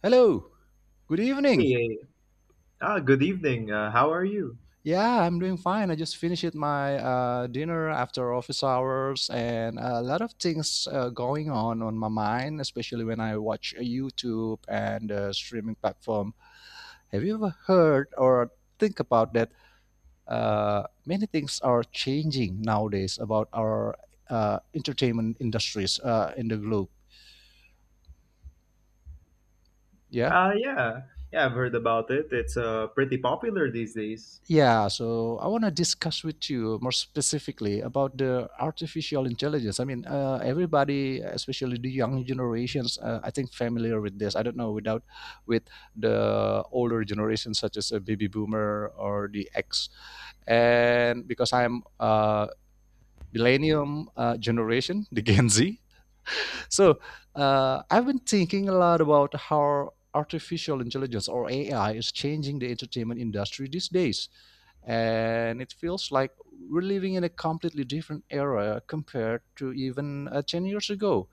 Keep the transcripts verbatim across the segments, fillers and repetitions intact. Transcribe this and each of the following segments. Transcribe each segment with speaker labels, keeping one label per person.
Speaker 1: Hello. Good evening.
Speaker 2: Hey, uh, ah, good evening. Uh, how are you?
Speaker 1: Yeah, I'm doing fine. I just finished my uh, dinner after office hours, and a lot of things uh, going on on my mind, especially when I watch YouTube and uh, streaming platform. Have you ever heard or think about that? Uh, many things are changing nowadays about our uh, entertainment industries uh, in the globe. Yeah.
Speaker 2: Uh, yeah, yeah, I've heard about it. It's uh, pretty popular these days.
Speaker 1: Yeah, so I want to discuss with you more specifically about the artificial intelligence. I mean, uh, everybody, especially the young generations, uh, I think familiar with this. I don't know without with the older generations such as a baby boomer or the X, and because I'm uh, millennium uh, generation, the Gen Z. So uh, I've been thinking a lot about how artificial intelligence or A I is changing the entertainment industry these days. And it feels like we're living in a completely different era compared to even uh, ten years ago.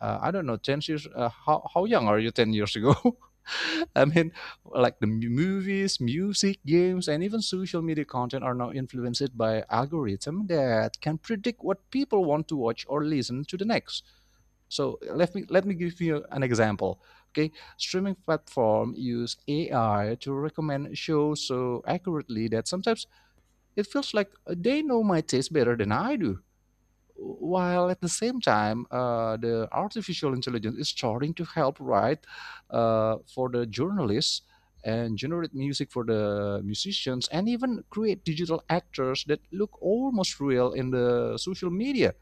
Speaker 1: Uh, I don't know, ten years, uh, how, how young are you ten years ago? I mean, like the mu- movies, music, games, and even social media content are now influenced by algorithm that can predict what people want to watch or listen to the next. So let me let me give you an example. Okay, streaming platform use A I to recommend shows so accurately that sometimes it feels like they know my taste better than I do. While at the same time, uh, the artificial intelligence is starting to help write uh, for the journalists and generate music for the musicians and even create digital actors that look almost real in the social media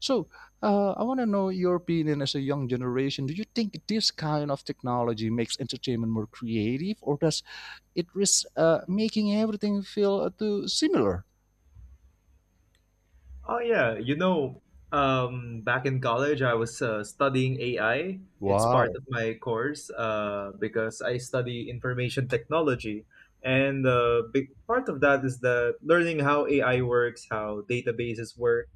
Speaker 1: so, uh, I want to know your opinion as a young generation. Do you think this kind of technology makes entertainment more creative, or does it risk uh, making everything feel uh, too similar?
Speaker 2: Oh, yeah, you know, um, back in college, I was uh, studying A I. It's part
Speaker 1: Wow.
Speaker 2: of my course uh, because I study information technology. And uh, big part of that is the learning how A I works, how databases work.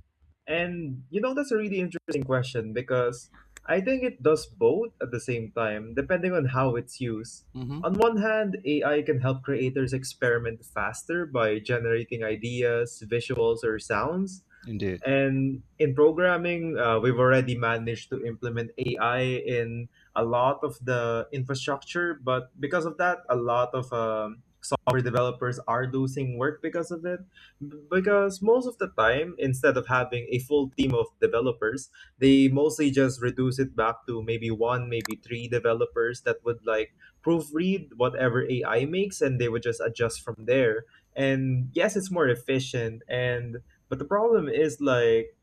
Speaker 2: And you know, that's a really interesting question because I think it does both at the same time, depending on how it's used.
Speaker 1: Mm-hmm.
Speaker 2: On one hand, A I can help creators experiment faster by generating ideas, visuals, or sounds,
Speaker 1: Indeed.
Speaker 2: and in programming, uh, we've already managed to implement A I in a lot of the infrastructure, but because of that, a lot of um, software developers are losing work because of it. B- Because most of the time, instead of having a full team of developers, they mostly just reduce it back to maybe one, maybe three developers that would like proofread whatever A I makes, and they would just adjust from there. And yes, it's more efficient, and but the problem is like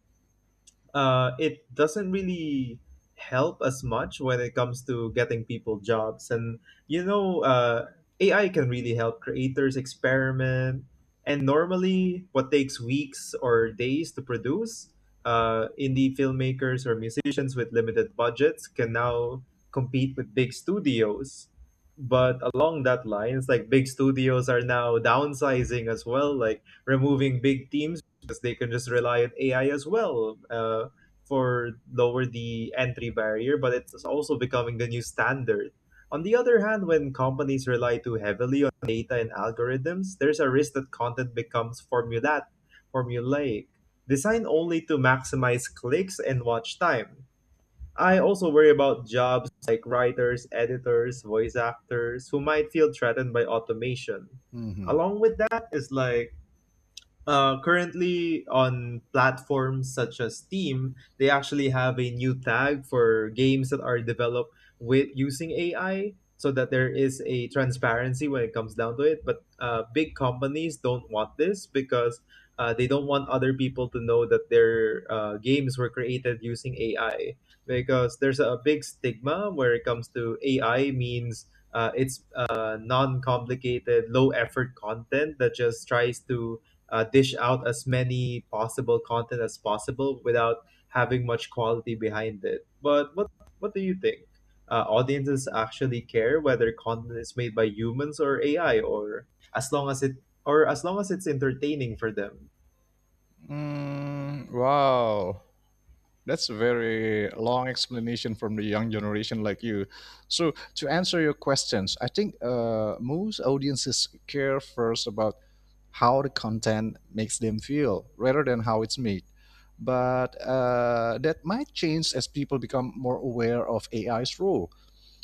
Speaker 2: uh, it doesn't really help as much when it comes to getting people jobs. And you know, uh, A I can really help creators experiment. And normally, what takes weeks or days to produce, uh, indie filmmakers or musicians with limited budgets can now compete with big studios. But along that line, it's like big studios are now downsizing as well, like removing big teams because they can just rely on A I as well, uh, for lower the entry barrier, but it's also becoming the new standard. On the other hand, when companies rely too heavily on data and algorithms, there's a risk that content becomes formulat, formulaic, designed only to maximize clicks and watch time. I also worry about jobs like writers, editors, voice actors who might feel threatened by automation.
Speaker 1: Hmm.
Speaker 2: Along with that is like uh, currently on platforms such as Steam, they actually have a new tag for games that are developed with using A I, so that there is a transparency when it comes down to it. But uh, big companies don't want this because uh, they don't want other people to know that their uh, games were created using A I, because there's a big stigma where it comes to A I means uh, it's uh, non-complicated, low-effort content that just tries to uh, dish out as many possible content as possible without having much quality behind it. But what what do you think? Uh, audiences actually care whether content is made by humans or A I, or as long as it or as long as it's entertaining for them?
Speaker 1: Mm, wow. That's a very long explanation from the young generation like you. So, to answer your questions, I think uh, most audiences care first about how the content makes them feel rather than how it's made. But uh, that might change as people become more aware of A I's role.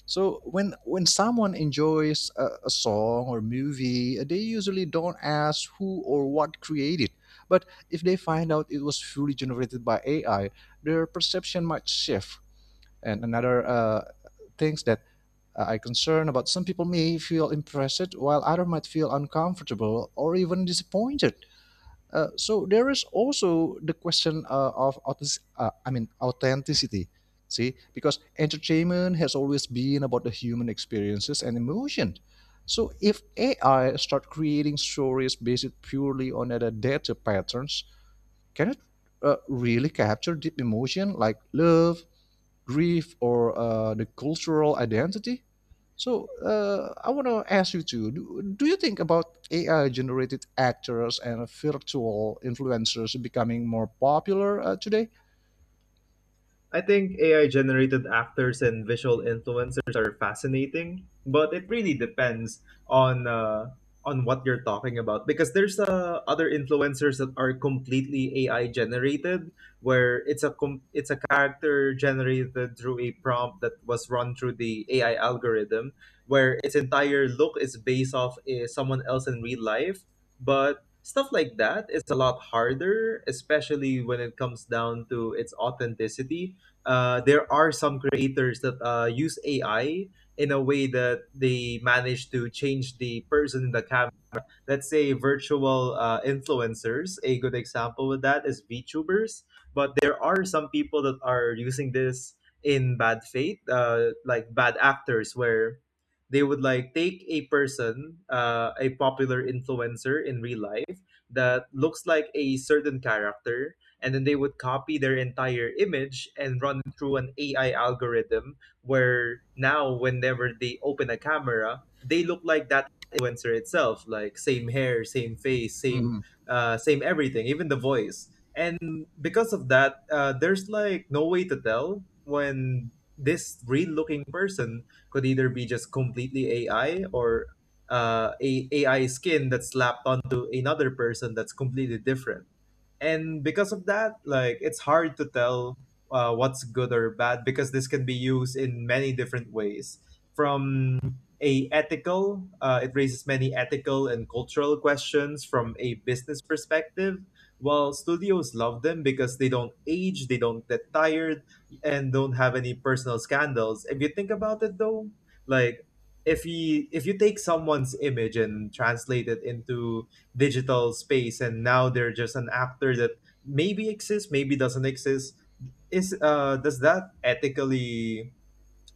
Speaker 1: So when when someone enjoys a, a song or movie, they usually don't ask who or what created. But if they find out it was fully generated by A I, their perception might shift. And another uh, things that uh, I concern about, some people may feel impressed, while others might feel uncomfortable or even disappointed. Uh, so there is also the question uh, of authentic- uh, I mean authenticity. See, because entertainment has always been about the human experiences and emotion. So if A I start creating stories based purely on other data patterns, can it uh, really capture deep emotion like love, grief or uh, the cultural identity. So uh, I want to ask you too. Do, do you think about A I generated actors and virtual influencers becoming more popular uh, today?
Speaker 2: I think A I generated actors and visual influencers are fascinating, but it really depends on uh, on what you're talking about, because there's uh, other influencers that are completely A I generated, where it's a com- it's a character generated through a prompt that was run through the A I algorithm, where its entire look is based off uh, someone else in real life, but stuff like that is a lot harder, especially when it comes down to its authenticity. Uh, there are some creators that uh, use A I in a way that they manage to change the person in the camera, let's say virtual uh, influencers. A good example with that is VTubers, but there are some people that are using this in bad faith, uh, like bad actors, where they would like take a person, uh, a popular influencer in real life that looks like a certain character, and then they would copy their entire image and run it through an A I algorithm, where now whenever they open a camera, they look like that influencer itself, like same hair, same face, same
Speaker 1: Mhm.
Speaker 2: uh, same everything, even the voice. And because of that, uh, there's like no way to tell when this real-looking person could either be just completely A I, or uh, a AI skin that's slapped onto another person that's completely different. And because of that, like it's hard to tell uh, what's good or bad, because this can be used in many different ways. From a ethical uh, It raises many ethical and cultural questions. From a business perspective, while studios love them because they don't age, they don't get tired, and don't have any personal scandals. If you think about it though, like if you if you take someone's image and translate it into digital space, and now they're just an actor that maybe exists, maybe doesn't exist, is uh does that ethically,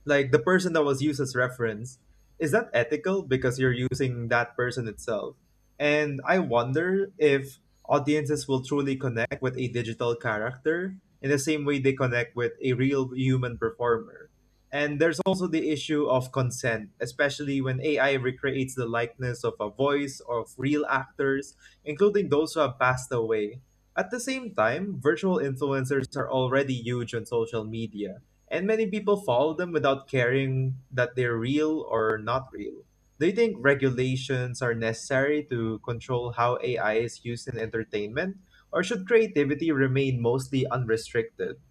Speaker 2: like the person that was used as reference, is that ethical, because you're using that person itself? And I wonder if audiences will truly connect with a digital character in the same way they connect with a real human performer. And there's also the issue of consent, especially when AI recreates the likeness of a voice of real actors, including those who have passed away. At the same time, virtual influencers are already huge on social media, and many people follow them without caring that they're real or not real. Do you think regulations are necessary to control how A I is used in entertainment, or should creativity remain mostly unrestricted?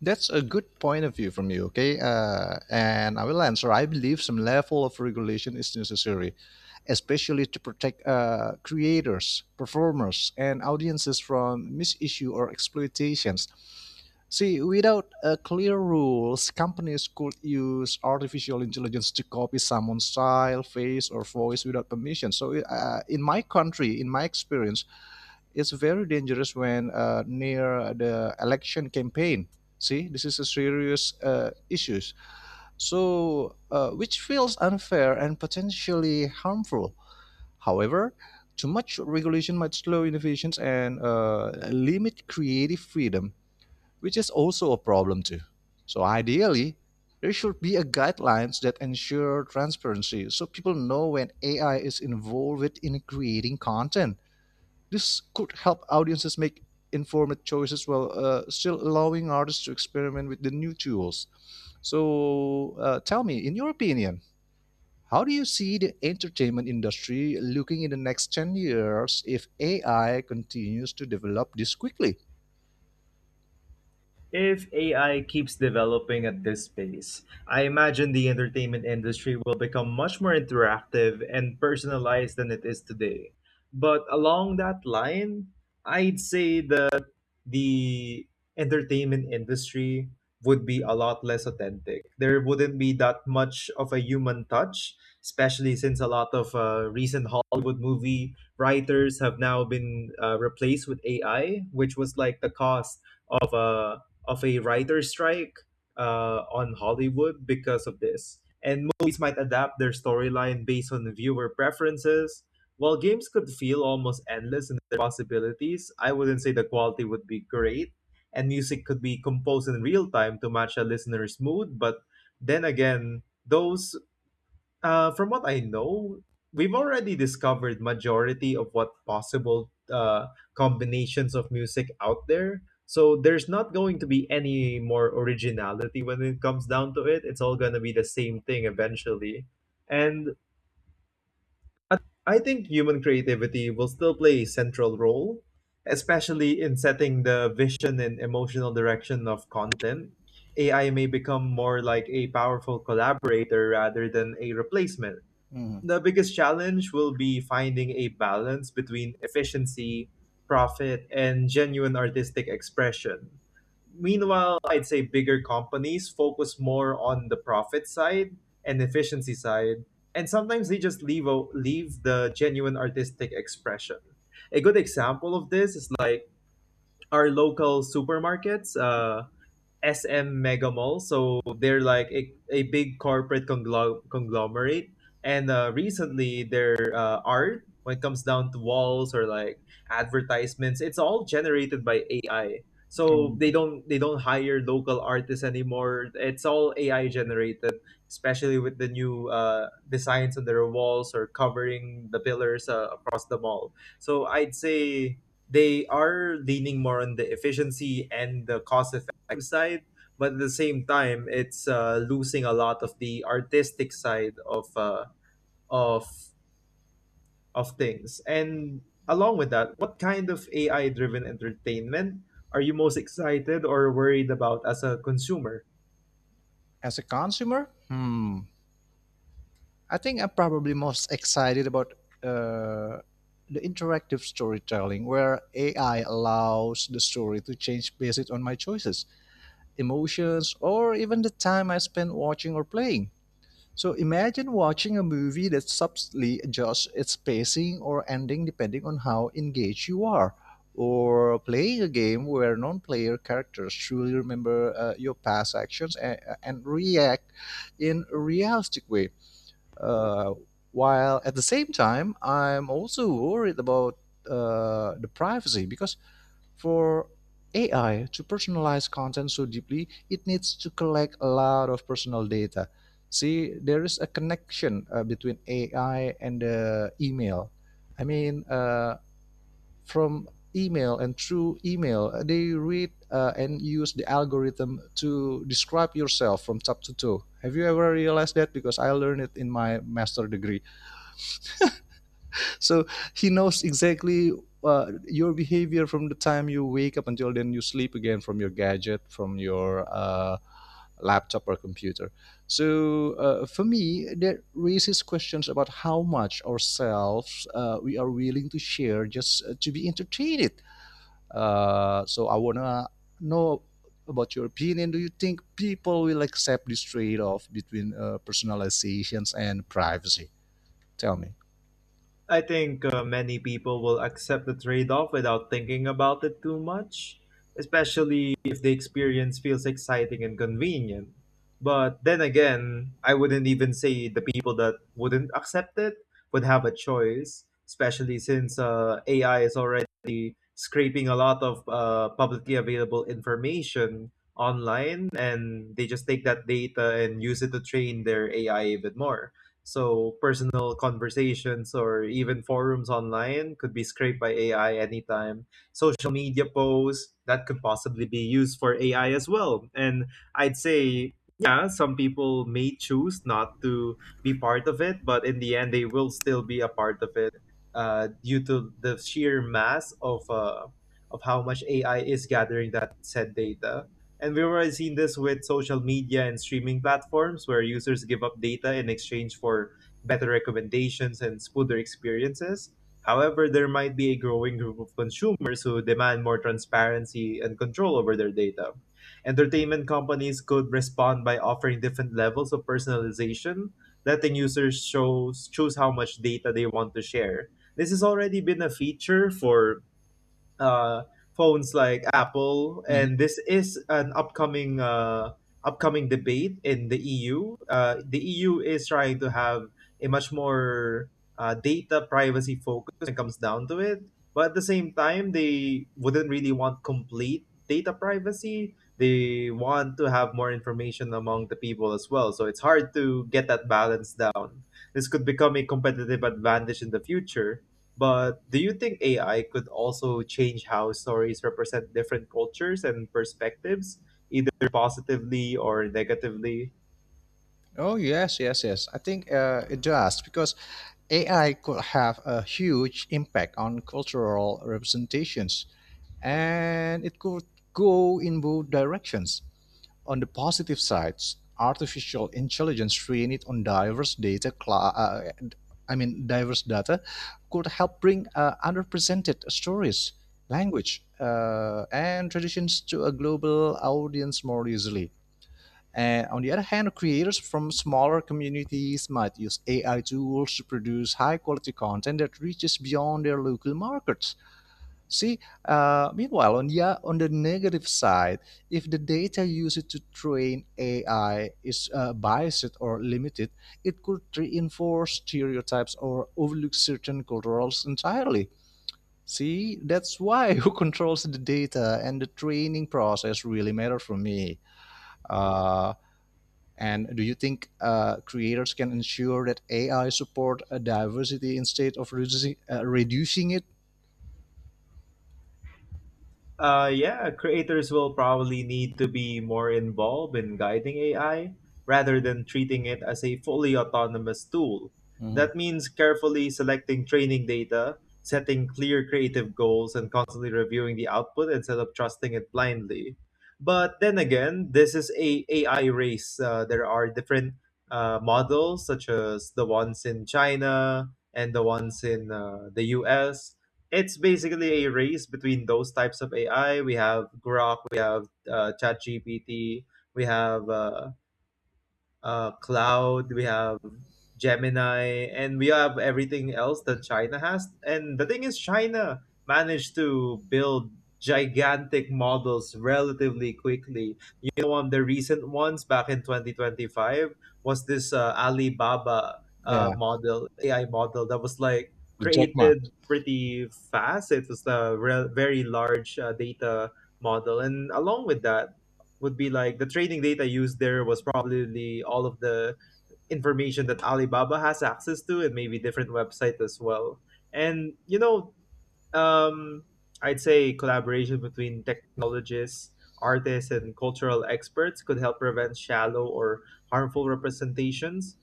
Speaker 1: That's a good point of view from you, okay? Uh, and I will answer. I believe some level of regulation is necessary, especially to protect uh, creators, performers, and audiences from misissue or exploitations. See, without uh, clear rules, companies could use artificial intelligence to copy someone's style, face, or voice without permission. So, uh, in my country, in my experience, it's very dangerous when uh, near the election campaign. See, this is a serious uh, issues. So, uh, which feels unfair and potentially harmful. However, too much regulation might slow innovations and uh, limit creative freedom, which is also a problem too. So, ideally, there should be a guidelines that ensure transparency so people know when A I is involved in creating content. This could help audiences make informed choices while uh, still allowing artists to experiment with the new tools. So, uh, tell me, in your opinion, how do you see the entertainment industry looking in the next ten years if A I continues to develop this quickly?
Speaker 2: If A I keeps developing at this pace, I imagine the entertainment industry will become much more interactive and personalized than it is today. But along that line, I'd say that the entertainment industry would be a lot less authentic. There wouldn't be that much of a human touch, especially since a lot of uh, recent Hollywood movie writers have now been uh, replaced with A I, which was like the cost of a of a writer strike uh, on Hollywood because of this. And movies might adapt their storyline based on viewer preferences. While games could feel almost endless in their possibilities, I wouldn't say the quality would be great. And music could be composed in real time to match a listener's mood, but then again, those uh, from what I know, we've already discovered majority of what possible uh, combinations of music out there. So there's not going to be any more originality when it comes down to it. It's all going to be the same thing eventually. And I I think human creativity will still play a central role, especially in setting the vision and emotional direction of content. A I may become more like a powerful collaborator rather than a replacement.
Speaker 1: Mhm.
Speaker 2: The biggest challenge will be finding a balance between efficiency, profit, and genuine artistic expression. Meanwhile, I'd say bigger companies focus more on the profit side and efficiency side, and sometimes they just leave o- leave the genuine artistic expression. A good example of this is like our local supermarkets. Uh, S M Mega Mall. So they're like a, a big corporate conglo- conglomerate. And uh, recently, their uh, art, when it comes down to walls or like advertisements, it's all generated by A I. So they don't they don't hire local artists anymore. It's all A I generated, especially with the new uh, designs on their walls or covering the pillars uh, across the mall. So I'd say they are leaning more on the efficiency and the cost side, but at the same time it's uh, losing a lot of the artistic side of uh, of of things. And along with that, what kind of AI driven entertainment are you most excited or worried about as a consumer?
Speaker 1: As a consumer? Hmm. I think I'm probably most excited about uh, the interactive storytelling, where A I allows the story to change based on my choices, emotions, or even the time I spend watching or playing. So imagine watching a movie that subtly adjusts its pacing or ending depending on how engaged you are, or playing a game where non player characters truly remember uh, your past actions and, and react in a realistic way. Uh, while at the same time, I'm also worried about uh, the privacy because for A I to personalize content so deeply, it needs to collect a lot of personal data. See, there is a connection uh, between A I and the email. I mean, uh, from email and through email uh, they read uh, and use the algorithm to describe yourself from top to toe. Have you ever realized that? Because I learned it in my master degree. So he knows exactly uh, your behavior from the time you wake up until then you sleep again, from your gadget, from your uh, laptop or computer. So uh, for me, that raises questions about how much ourselves uh, we are willing to share just uh, to be entertained. Uh, so I wanna know about your opinion. Do you think people will accept this trade-off between uh, personalizations and privacy? Tell me.
Speaker 2: I think uh, many people will accept the trade off without thinking about it too much, especially if the experience feels exciting and convenient. But then again, I wouldn't even say the people that wouldn't accept it would have a choice, especially since uh, A I is already scraping a lot of uh, publicly available information online, and they just take that data and use it to train their A I even more. So personal conversations or even forums online could be scraped by A I anytime. Social media posts that could possibly be used for A I as well. And I'd say, yeah, some people may choose not to be part of it, but in the end, they will still be a part of it, uh, due to the sheer mass of uh, of how much A I is gathering that said data. And we've already seen this with social media and streaming platforms where users give up data in exchange for better recommendations and smoother experiences. However, there might be a growing group of consumers who demand more transparency and control over their data. Entertainment companies could respond by offering different levels of personalization, letting users shows, choose how much data they want to share. This has already been a feature for uh, phones like Apple,
Speaker 1: Mhm.
Speaker 2: and this is an upcoming uh, upcoming debate in the E U. Uh, the E U is trying to have a much more uh, data privacy focus when it comes down to it, but at the same time, they wouldn't really want complete data privacy. They want to have more information among the people as well, so it's hard to get that balance down. This could become a competitive advantage in the future, but do you think A I could also change how stories represent different cultures and perspectives, either positively or negatively?
Speaker 1: Oh yes, yes, yes. I think uh, it does because A I could have a huge impact on cultural representations, and it could go in both directions. On the positive sides, artificial intelligence trained on diverse data, cla- uh, I mean diverse data, could help bring uh, underrepresented stories, language, uh, and traditions to a global audience more easily. And on the other hand, creators from smaller communities might use A I tools to produce high quality content that reaches beyond their local markets. See, uh, meanwhile, on the, on the negative side, if the data used to train A I is uh, biased or limited, it could reinforce stereotypes or overlook certain cultures entirely. See, that's why who controls the data and the training process really matter for me. Uh, and do you think uh, creators can ensure that A I support a diversity instead of reducing, uh, reducing it?
Speaker 2: Uh, yeah, creators will probably need to be more involved in guiding A I rather than treating it as a fully autonomous tool.
Speaker 1: Mhm.
Speaker 2: That means carefully selecting training data, setting clear creative goals, and constantly reviewing the output instead of trusting it blindly. But then again, this is a AI race. Uh, there are different uh, models, such as the ones in China and the ones in uh, the U S. It's basically a race between those types of A I. We have Grok, we have uh, ChatGPT, we have uh, uh, Cloud, we have Gemini, and we have everything else that China has. And the thing is, China managed to build gigantic models relatively quickly. You know, one of the recent ones back in twenty twenty-five was this uh, Alibaba uh,
Speaker 1: Yeah,
Speaker 2: model, A I model that was like
Speaker 1: the Jack Ma.
Speaker 2: created pretty fast. It was a re- very large uh, data model. And along with that, would be like the training data used there was probably all of the information that Alibaba has access to and maybe different websites as well. And you know, um, I'd say collaboration between technologists, artists, and cultural experts could help prevent shallow or harmful representations.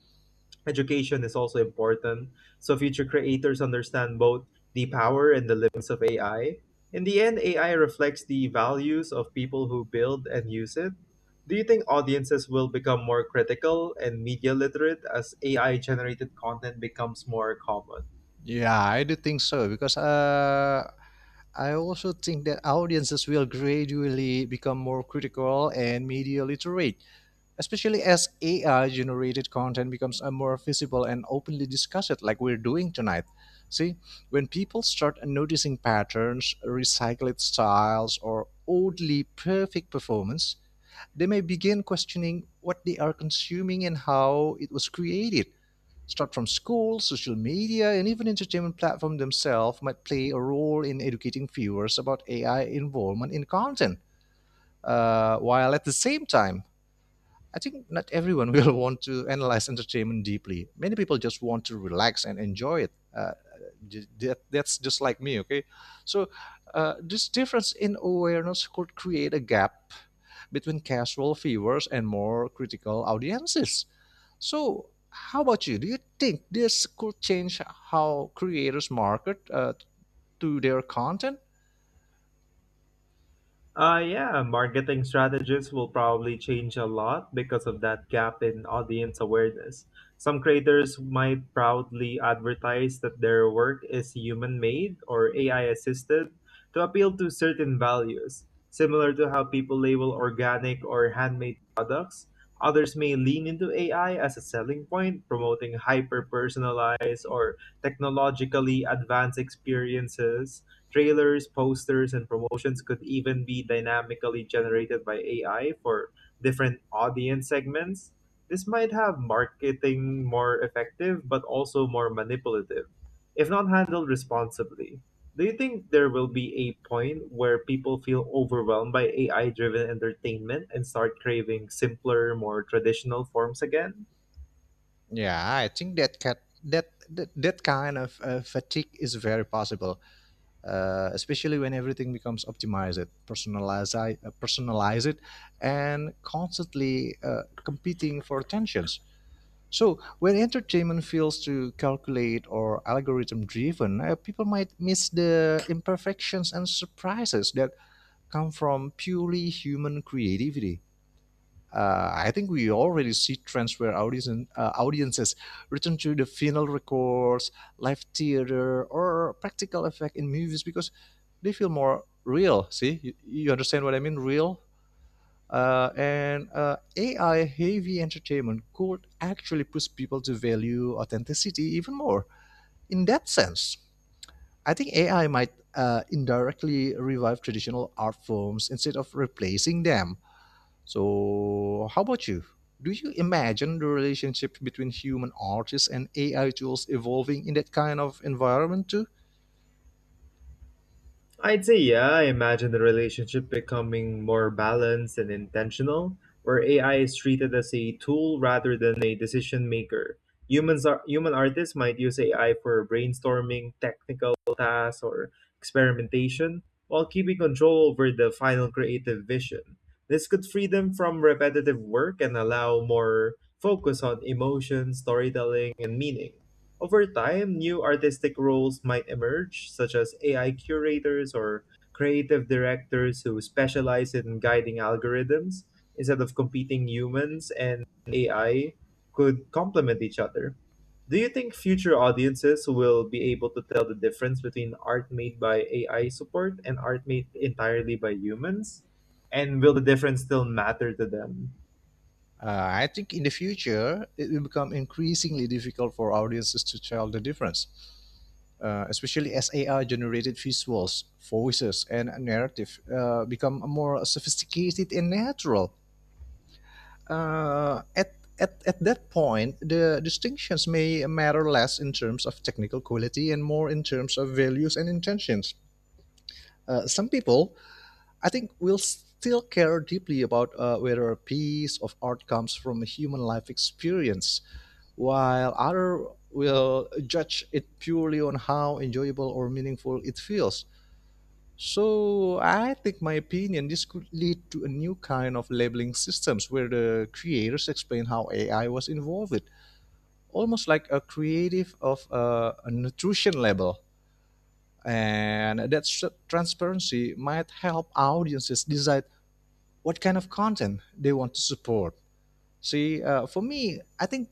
Speaker 2: Education is also important, so future creators understand both the power and the limits of A I. In the end, A I reflects the values of people who build and use it. Do you think audiences will become more critical and media literate as A I generated content becomes more common?
Speaker 1: Yeah, I do think so because uh, I also think that audiences will gradually become more critical and media literate, especially as A I generated content becomes uh, more visible and openly discussed, like we're doing tonight. See, when people start noticing patterns, recycled styles, or oddly perfect performance, they may begin questioning what they are consuming and how it was created, start from schools, social media, and even entertainment platforms themselves might play a role in educating viewers about A I involvement in content. Uh, while at the same time, I think not everyone will want to analyze entertainment deeply. Many people just want to relax and enjoy it. Uh, that, that's just like me, okay? So, uh, this difference in awareness could create a gap between casual viewers and more critical audiences. So, how about you? Do you think this could change how creators market uh, to their content?
Speaker 2: Uh, yeah, marketing strategies will probably change a lot because of that gap in audience awareness. Some creators might proudly advertise that their work is human made or A I assisted to appeal to certain values, similar to how people label organic or handmade products. Others may lean into A I as a selling point, promoting hyper personalized or technologically advanced experiences. Trailers, posters, and promotions could even be dynamically generated by A I for different audience segments. This might have marketing more effective, but also more manipulative, if not handled responsibly. Do you think there will be a point where people feel overwhelmed by A I driven entertainment and start craving simpler, more traditional forms again?
Speaker 1: Yeah, I think that cat, that, that that kind of uh, fatigue is very possible. Uh, especially when everything becomes optimized, personalized, uh, personalized, and constantly uh, competing for attentions. So when entertainment feels to calculate or algorithm driven, uh, people might miss the imperfections and surprises that come from purely human creativity. Uh, I think we already see trends where audience, uh, audiences return to the vinyl records, live theater, or practical effect in movies because they feel more real. See, you, you understand what I mean? Real. Uh, and uh, A I heavy entertainment could actually push people to value authenticity even more. In that sense, I think A I might uh, indirectly revive traditional art forms instead of replacing them. So, how about you? Do you imagine the relationship between human artists and A I tools evolving in that kind of environment too?
Speaker 2: I'd say, yeah, I imagine the relationship becoming more balanced and intentional, where A I is treated as a tool rather than a decision maker. Humans are, human artists might use A I for brainstorming, technical tasks, or experimentation, while keeping control over the final creative vision. This could free them from repetitive work and allow more focus on emotion, storytelling, and meaning. Over time, new artistic roles might emerge, such as A I curators or creative directors who specialize in guiding algorithms instead of competing humans and A I could complement each other. Do you think future audiences will be able to tell the difference between art made by A I support and art made entirely by humans? And will the difference still matter to them?
Speaker 1: Uh, I think in the future, it will become increasingly difficult for audiences to tell the difference, uh, especially as A I generated visuals, voices, and narrative uh, become more sophisticated and natural. uh, at at, at that point, the distinctions may matter less in terms of technical quality and more in terms of values and intentions. Uh, some people, I think, will still care deeply about uh, whether a piece of art comes from a human life experience, while others will judge it purely on how enjoyable or meaningful it feels. So I think my opinion this could lead to a new kind of labeling systems where the creators explain how A I was involved, almost like a creative of a, a nutrition label. And that s- transparency might help audiences decide what kind of content they want to support. See, uh, for me, I think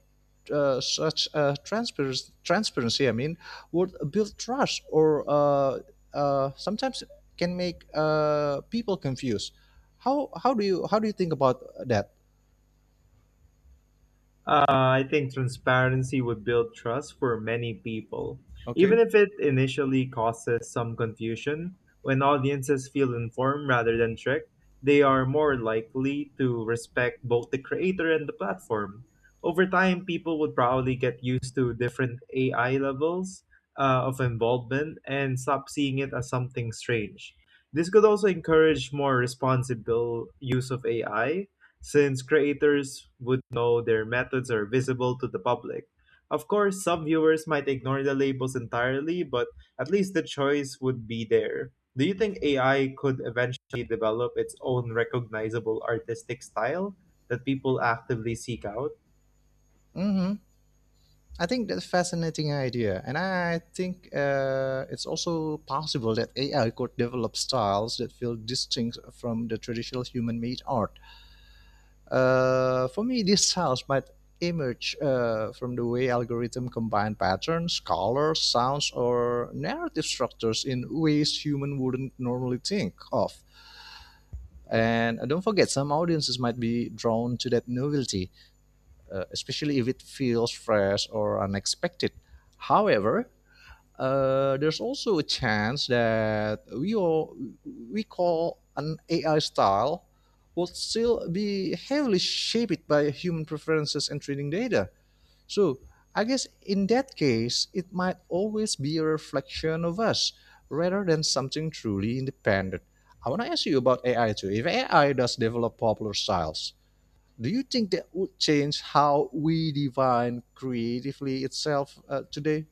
Speaker 1: uh, such uh, transparency, transparency, I mean, would build trust or uh, uh, sometimes can make uh, people confused. How how do you how do you think about that?
Speaker 2: Uh, I think transparency would build trust for many people,
Speaker 1: Okay.
Speaker 2: even if it initially causes some confusion. When audiences feel informed rather than tricked, they are more likely to respect both the creator and the platform. Over time, people would probably get used to different A I levels uh, of involvement and stop seeing it as something strange. This could also encourage more responsible use of A I since creators would know their methods are visible to the public. Of course, some viewers might ignore the labels entirely, but at least the choice would be there. Do you think A I could eventually develop its own recognizable artistic style that people actively seek out?
Speaker 1: Mm-hmm. I think that's a fascinating idea, and I think uh, it's also possible that A I could develop styles that feel distinct from the traditional human-made art. Uh, for me, this sounds might emerge uh, from the way algorithms combine patterns, colors, sounds, or narrative structures in ways human wouldn't normally think of. And uh, don't forget, some audiences might be drawn to that novelty, uh, especially if it feels fresh or unexpected. However, uh, there's also a chance that we all, we call an A I style will still be heavily shaped by human preferences and training data. So I guess in that case, it might always be a reflection of us rather than something truly independent. I want to ask you about A I too. If A I does develop popular styles, do you think that would change how we define creatively itself uh, today?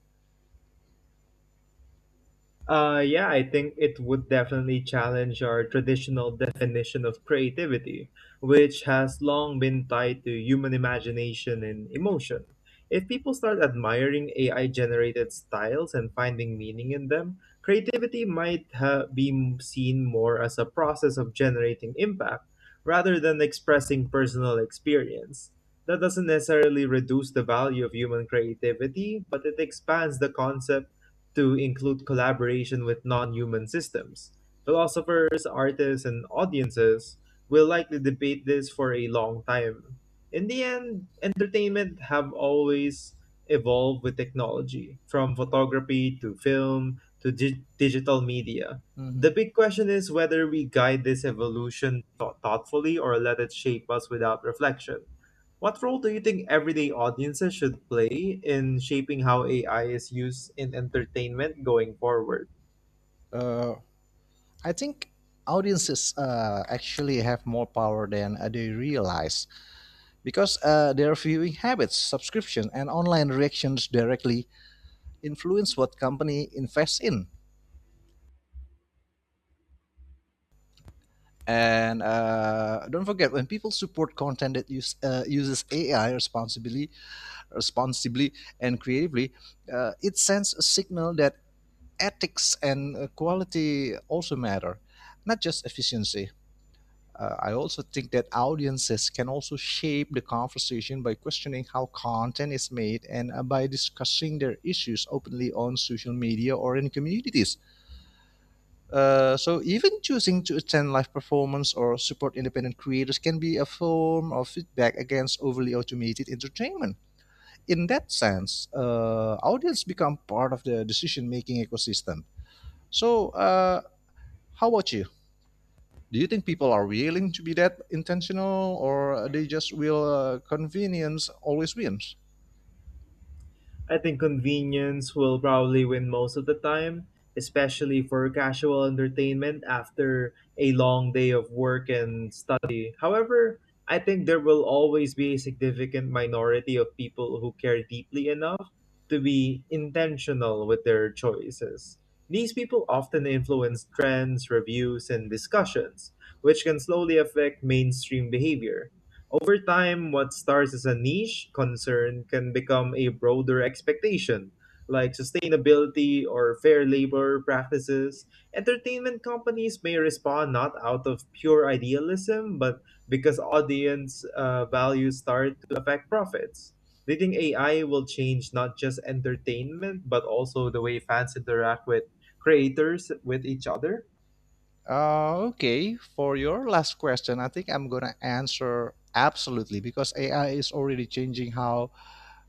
Speaker 2: Uh, yeah, I think it would definitely challenge our traditional definition of creativity, which has long been tied to human imagination and emotion. If people start admiring A I generated styles and finding meaning in them, creativity might ha- be m- seen more as a process of generating impact rather than expressing personal experience. That doesn't necessarily reduce the value of human creativity, but it expands the concept to include collaboration with non human systems. Philosophers, artists, and audiences will likely debate this for a long time. In the end, entertainment have always evolved with technology, from photography to film to dig- digital media.
Speaker 1: Mhm.
Speaker 2: The big question is whether we guide this evolution thought- thoughtfully or let it shape us without reflection. What role do you think everyday audiences should play in shaping how A I is used in entertainment going forward?
Speaker 1: Uh, I think audiences uh, actually have more power than uh, they realize because uh, their viewing habits, subscription, and online reactions directly influence what company invests in. And uh, don't forget, when people support content that use, uh, uses A I responsibly, responsibly and creatively, uh, it sends a signal that ethics and uh, quality also matter, not just efficiency. Uh, I also think that audiences can also shape the conversation by questioning how content is made and uh, by discussing their issues openly on social media or in communities. Uh, so, even choosing to attend live performance or support independent creators can be a form of feedback against overly automated entertainment. In that sense, uh, audience become part of the decision-making ecosystem. So, uh, how about you? Do you think people are willing to be that intentional or they just will, uh, convenience always wins?
Speaker 2: I think convenience will probably win most of the time, especially for casual entertainment after a long day of work and study. However, I think there will always be a significant minority of people who care deeply enough to be intentional with their choices. These people often influence trends, reviews, and discussions, which can slowly affect mainstream behavior. Over time, what starts as a niche concern can become a broader expectation, like sustainability or fair labor practices. Entertainment companies may respond not out of pure idealism, but because audience uh, values start to affect profits. Do you think A I will change not just entertainment, but also the way fans interact with creators with each other?
Speaker 1: Uh, okay, for your last question, I think I'm gonna answer absolutely because A I is already changing how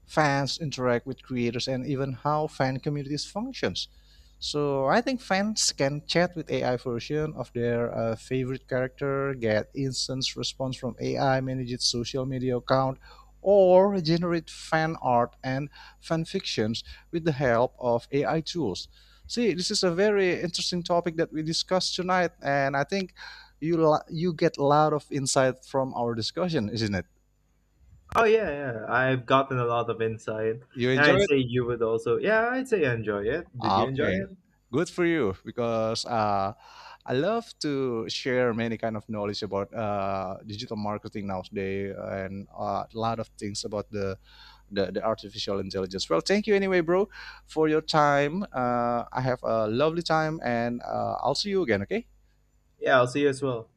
Speaker 1: fans interact with creators and even how fan communities functions. So I think fans can chat with A I version of their uh, favorite character, get instant response from A I, manage its social media account, or generate fan art and fan fictions with the help of A I tools. See, this is a very interesting topic that we discussed tonight, and I think you lo- you get a lot of insight from our discussion, isn't it?
Speaker 2: Oh, yeah, yeah. I've gotten a lot of insight.
Speaker 1: You
Speaker 2: And I'd
Speaker 1: enjoy it?
Speaker 2: say you would also. Yeah, I'd say enjoy it. Did
Speaker 1: Ah,
Speaker 2: you enjoy
Speaker 1: okay,
Speaker 2: it?
Speaker 1: good for you because uh, I love to share many kind of knowledge about uh, digital marketing nowadays and uh, a lot of things about the, the the artificial intelligence. Well, thank you anyway, bro, for your time. Uh, I have a lovely time, and uh, I'll see you again. Okay.
Speaker 2: Yeah, I'll see you as well.